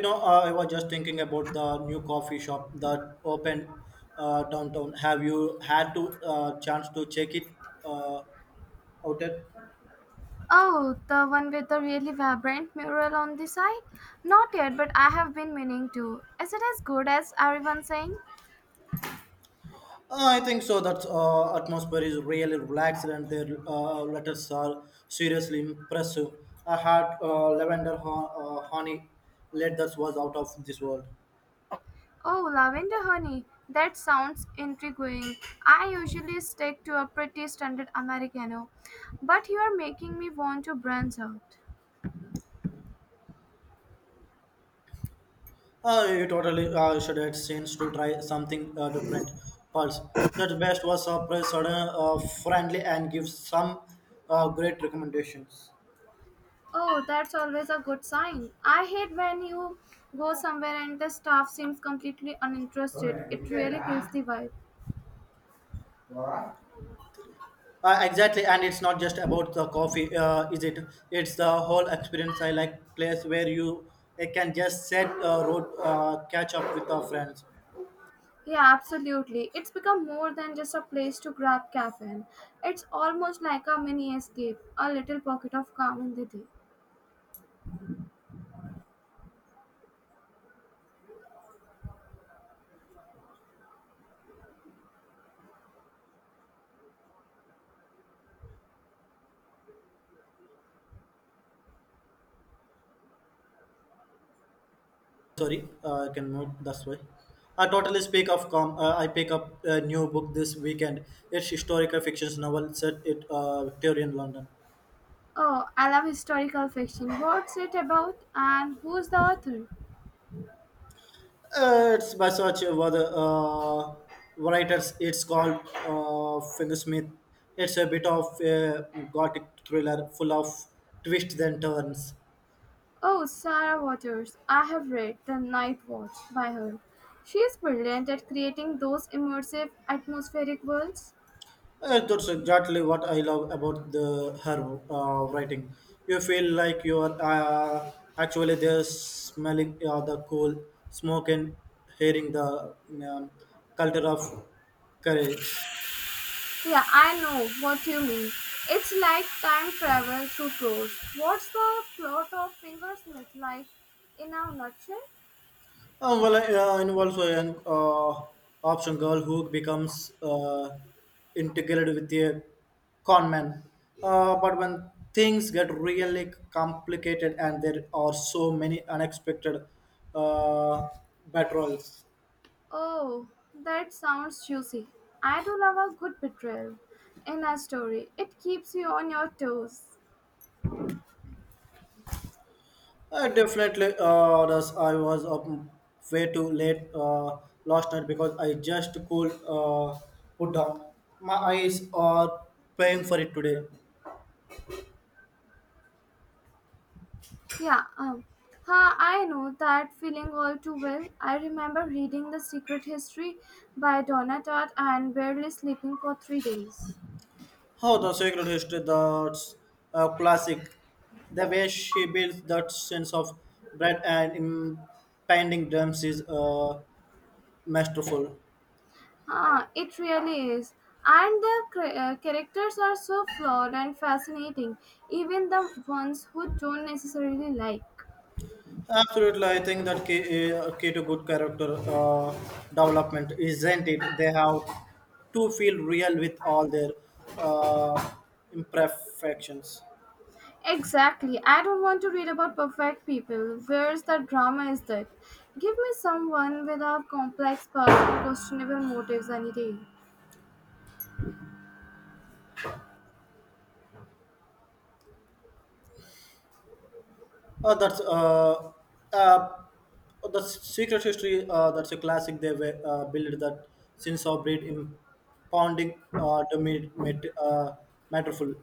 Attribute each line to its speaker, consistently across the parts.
Speaker 1: I was just thinking about the new coffee shop that opened downtown. Have you had to chance to check it uh, out yet?
Speaker 2: Oh, the one with the really vibrant mural on the side? Not yet, but I have been meaning to. Is it as good as everyone's saying?
Speaker 1: I think so. That atmosphere is really relaxed, and their letters are seriously impressive. I had lavender honey. Let that was out of this world.
Speaker 2: Oh, lavender honey. That sounds intriguing. I usually stick to a pretty standard Americano, but you are making me want to branch out.
Speaker 1: You totally should have sense to try something different. Pulse. The best was surprise, sudden, friendly, and gives some great recommendations.
Speaker 2: Oh, that's always a good sign. I hate when you go somewhere and the staff seems completely uninterested. It really kills the vibe.
Speaker 1: Uh, exactly, and it's not just about the coffee, is it? It's the whole experience. I like place where you can just set road, catch up with our friends.
Speaker 2: Yeah, absolutely. It's become more than just a place to grab caffeine. It's almost like a mini escape, a little pocket of calm in the day.
Speaker 1: Sorry, I can move this way. I totally speak of com I pick up a new book this weekend. It's historical fiction novel set in Victorian London.
Speaker 2: Oh, I love historical fiction. What's it about and who's the author?
Speaker 1: It's by such other writers. It's called Fingersmith. It's a bit of a gothic thriller full of twists and turns.
Speaker 2: Oh, Sarah Waters. I have read The Night Watch by her. She is brilliant at creating those immersive, atmospheric worlds.
Speaker 1: That's exactly what I love about the her writing. You feel like you are actually there, smelling the coal smoke and hearing the culture of courage.
Speaker 2: Yeah, I know what you mean. It's like time travel through prose. What's the plot of Fingersmith like in a nutshell?
Speaker 1: Involves a young option girl who becomes integrated with a con man. But when things get really complicated and there are so many unexpected uh, battles.
Speaker 2: Oh, that sounds juicy. I do love a good betrayal in a story. It keeps you on your toes.
Speaker 1: I definitely does. I was up way too late last night because I just could put down. My eyes are paying for it today.
Speaker 2: Yeah, I know that feeling all too well. I remember reading The Secret History by Donna Tartt and barely sleeping for 3 days.
Speaker 1: Oh, the sacred history, that's a classic. The way she builds that sense of dread and impending dreams is masterful.
Speaker 2: Ah, it really is. And the characters are so flawed and fascinating, even the ones who don't necessarily like.
Speaker 1: Absolutely, I think that key to good character development, isn't it? They have to feel real with all their uh, imperfections.
Speaker 2: Exactly. I don't want to read about perfect people. Where's the drama is that? Give me someone with a complex past, questionable motives any day.
Speaker 1: That's uh, the secret history. That's a classic. They were built that since our breed impounding to meet matterful.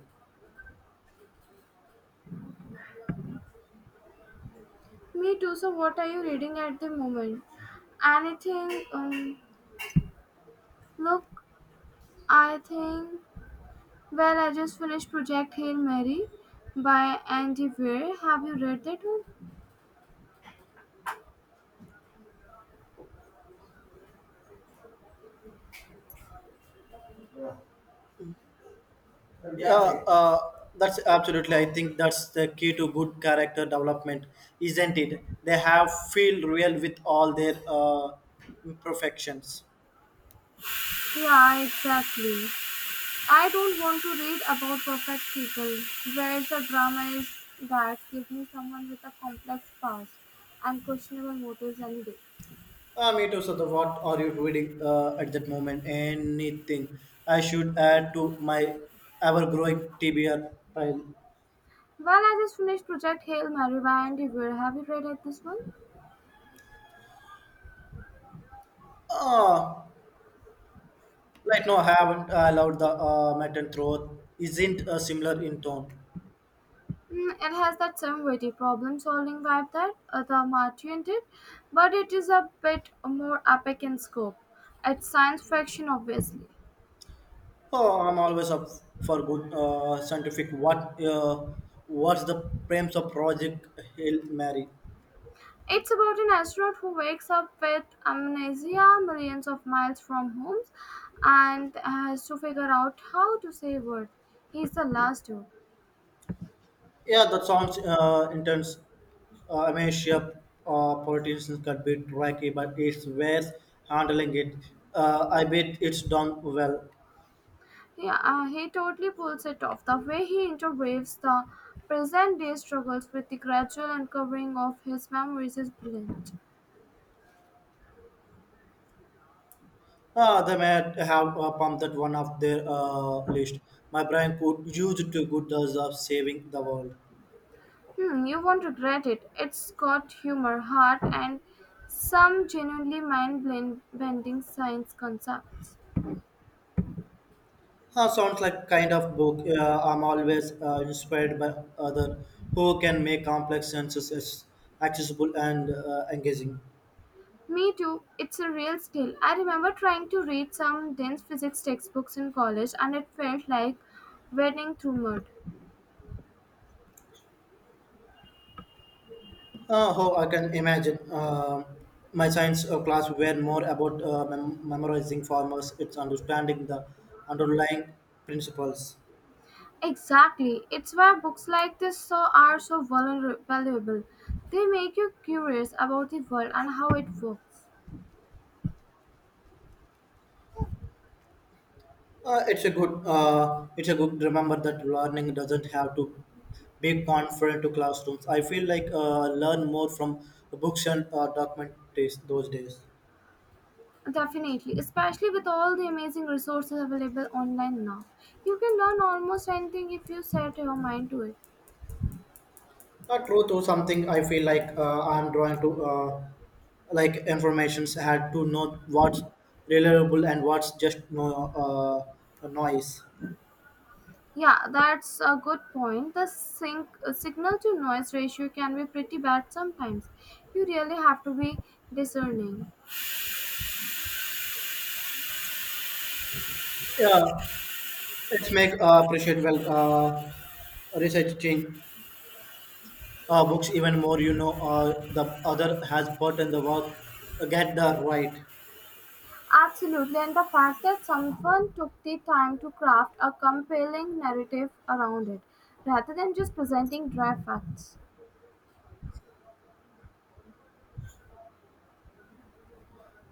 Speaker 2: Me too. So what are you reading at the moment? Anything? Look, I think Well, I just finished Project Hail Mary by Andy Weir. Have you read that one?
Speaker 1: Yeah, uh, that's absolutely. I think that's the key to good character development, isn't it? They have feel real with all their imperfections.
Speaker 2: Yeah, exactly. I don't want to read about perfect people. Where the drama is that give me someone with a complex past and questionable motives any day.
Speaker 1: Me too, Sudha. What are you reading at that moment? Anything I should add to my ever-growing TBR pile?
Speaker 2: Well, I just finished Project Hail Mary by Andy Weir. Have you read it, this one?
Speaker 1: Uh, like, no, I haven't allowed the metal throat. Isn't similar in tone.
Speaker 2: Mm, it has that same witty problem solving vibe that the Martian did, but it is a bit more epic in scope. It's science fiction, obviously.
Speaker 1: Oh, I'm always up for good scientific. What? What's the premise of Project Hail Mary?
Speaker 2: It's about an astronaut who wakes up with amnesia millions of miles from home and has to figure out how to save Earth. He's the last dude.
Speaker 1: Yeah, that sounds intense. I mean, sure, politicians could be tricky, but it's worth handling it. I bet it's done well.
Speaker 2: He totally pulls it off. The way he interweaves the present day struggles with the gradual uncovering of his memories is brilliant.
Speaker 1: They may have pumped that one off their list. My brain could use it to good does of saving the world.
Speaker 2: Hmm, you won't regret it. It's got humor, heart, and some genuinely mind bending science concepts.
Speaker 1: Sounds like kind of book. I'm always inspired by other who can make complex sentences accessible and engaging.
Speaker 2: Me too. It's a real skill. I remember trying to read some dense physics textbooks in college and it felt like wading through mud.
Speaker 1: Oh, I can imagine. My science class were more about memorizing formulas. It's understanding the underlying principles.
Speaker 2: Exactly. It's why books like this so are so valuable. They make you curious about the world and how it works.
Speaker 1: It's a good. Remember that learning doesn't have to be confined to classrooms. I feel like learn more from books and documentaries those days.
Speaker 2: Definitely, especially with all the amazing resources available online now. You can learn almost anything if you set your mind to it.
Speaker 1: True to something. I feel like I'm drawing to like informations had to know what's reliable and what's just no noise.
Speaker 2: Yeah, that's a good point. The signal to noise ratio can be pretty bad sometimes. You really have to be discerning.
Speaker 1: Yeah, it's make appreciate well researching books even more. The other has put in the work get the right.
Speaker 2: Absolutely, and the fact that someone took the time to craft a compelling narrative around it rather than just presenting dry facts.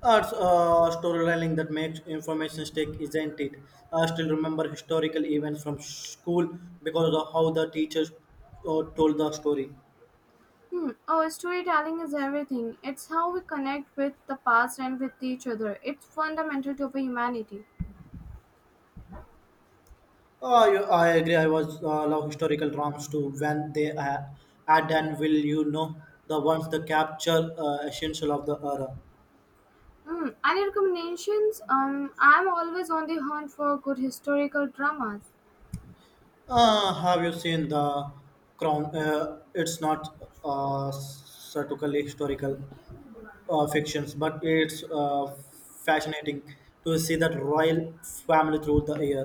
Speaker 1: Storytelling that makes information stick, isn't it? I still remember historical events from school because of how the teachers told the story.
Speaker 2: Hmm. Oh, storytelling is everything. It's how we connect with the past and with each other. It's fundamental to our humanity.
Speaker 1: You, I agree. I was love historical dramas too when they add and will you know the ones that capture essential of the era.
Speaker 2: Mm, any recommendations? I'm always on the hunt for good historical dramas.
Speaker 1: Have you seen the Crown? It's not certainly historical. Fictions, but it's fascinating to see that royal family through the year.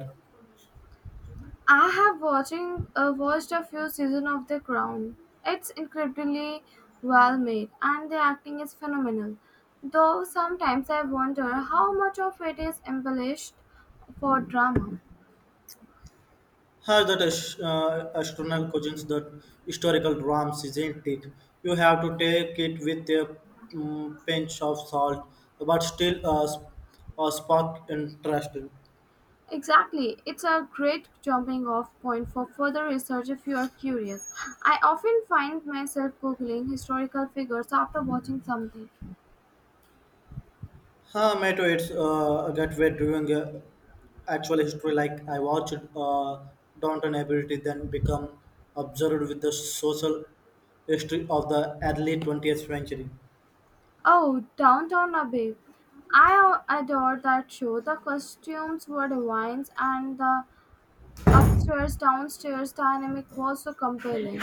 Speaker 2: I have watching watched a few seasons of The Crown. It's incredibly well made, and the acting is phenomenal. Though sometimes I wonder how much of it is embellished for drama.
Speaker 1: How that astronomical questions that historical dramas, isn't it? You have to take it with a pinch of salt, but still a spark interesting.
Speaker 2: Exactly, it's a great jumping off point for further research if you are curious. I often find myself googling historical figures after watching something.
Speaker 1: Huh, Mato, it's that we're doing actual history. Like I watched Downton Ability, then become observed with the social history of the early 20th century.
Speaker 2: Oh, downtown Abbey. I adore that show. The costumes were divine and the upstairs downstairs dynamic was so compelling.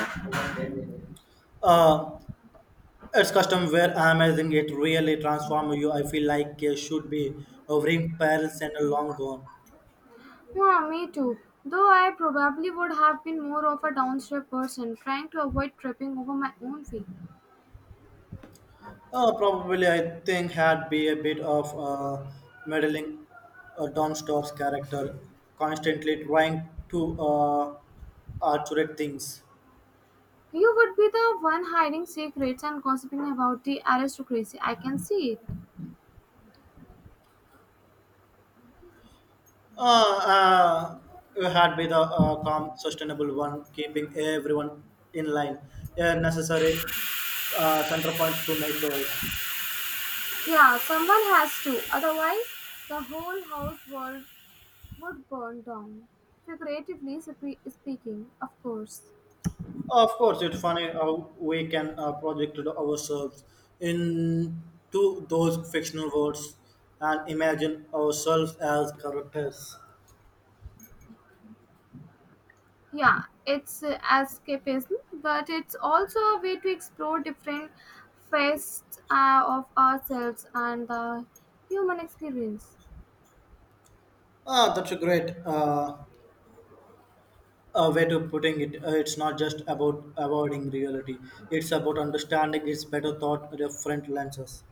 Speaker 1: Uh, it's custom where amazing. It really transforms you. I feel like it should be hovering parallels and long gone.
Speaker 2: Yeah, me too. Though I probably would have been more of a downstairs person trying to avoid tripping over my own feet.
Speaker 1: Probably, I think had be a bit of meddling Domstor's character, constantly trying to articulate things.
Speaker 2: You would be the one hiding secrets and gossiping about the aristocracy. I can see it.
Speaker 1: Uh, Had be the calm, sustainable one, keeping everyone in line. A necessary center point to my choice.
Speaker 2: Yeah, someone has to. Otherwise, the whole house world would burn down, figuratively speaking, of course.
Speaker 1: Of course, it's funny how we can project ourselves into those fictional worlds and imagine ourselves as characters.
Speaker 2: Yeah, it's escapism, but it's also a way to explore different facets of ourselves and the human experience.
Speaker 1: Ah, that's a great way to putting it. It's not just about avoiding reality; it's about understanding its better thought different lenses.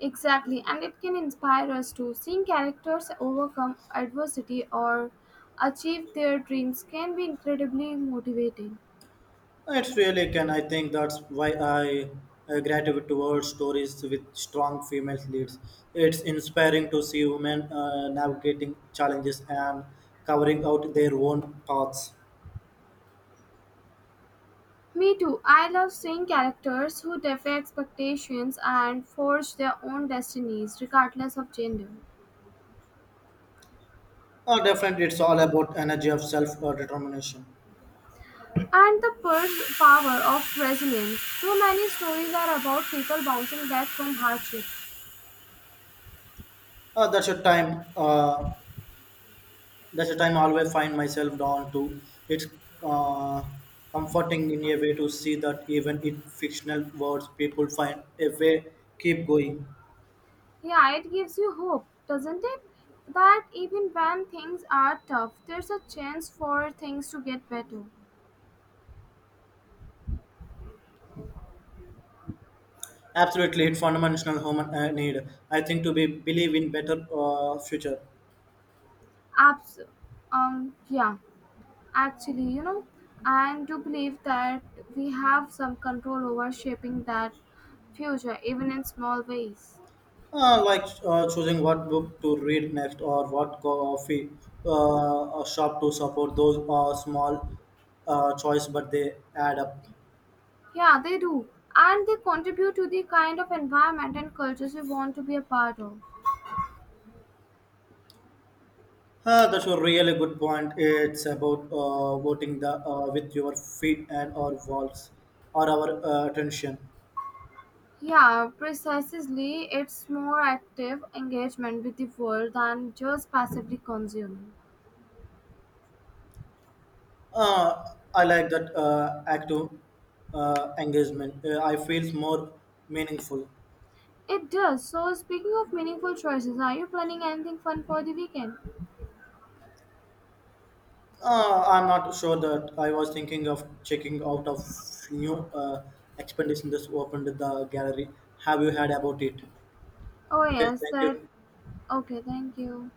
Speaker 2: Exactly, and it can inspire us to seeing characters overcome adversity or achieve their dreams can be incredibly motivating.
Speaker 1: It really can. I think that's why I gravitate towards stories with strong female leads. It's inspiring to see women navigating challenges and covering out their own paths.
Speaker 2: Me too. I love seeing characters who defy expectations and forge their own destinies, regardless of gender.
Speaker 1: Definitely, it's all about energy of self determination.
Speaker 2: And the power of resilience. So many stories are about people bouncing back from hardship.
Speaker 1: Uh, that's a time. Uh, that's a time I always find myself drawn to. It's uh, comforting in a way to see that even in fictional worlds, people find a way keep going.
Speaker 2: Yeah, it gives you hope, doesn't it? That even when things are tough, there's a chance for things to get better.
Speaker 1: Absolutely, it's fundamental human need. I think to be believe in better future,
Speaker 2: Abs- yeah, actually, you know, I do believe that we have some control over shaping that future, even in small ways.
Speaker 1: like choosing what book to read next or what coffee shop to support. Those are small choice, but they add up.
Speaker 2: Yeah, they do. And they contribute to the kind of environment and cultures we want to be a part of.
Speaker 1: That's a really good point. It's about voting the with your feet and our walls or our attention.
Speaker 2: Yeah, precisely. It's more active engagement with the world than just passively consuming.
Speaker 1: Uh, I like that active engagement. I feels more meaningful.
Speaker 2: It does. So, speaking of meaningful choices, are you planning anything fun for the weekend?
Speaker 1: I'm not sure. That I was thinking of checking out of new expedition that's opened at the gallery. Have you heard about it?
Speaker 2: Oh,
Speaker 1: Okay,
Speaker 2: yes,
Speaker 1: thank you.
Speaker 2: that. Okay, thank you.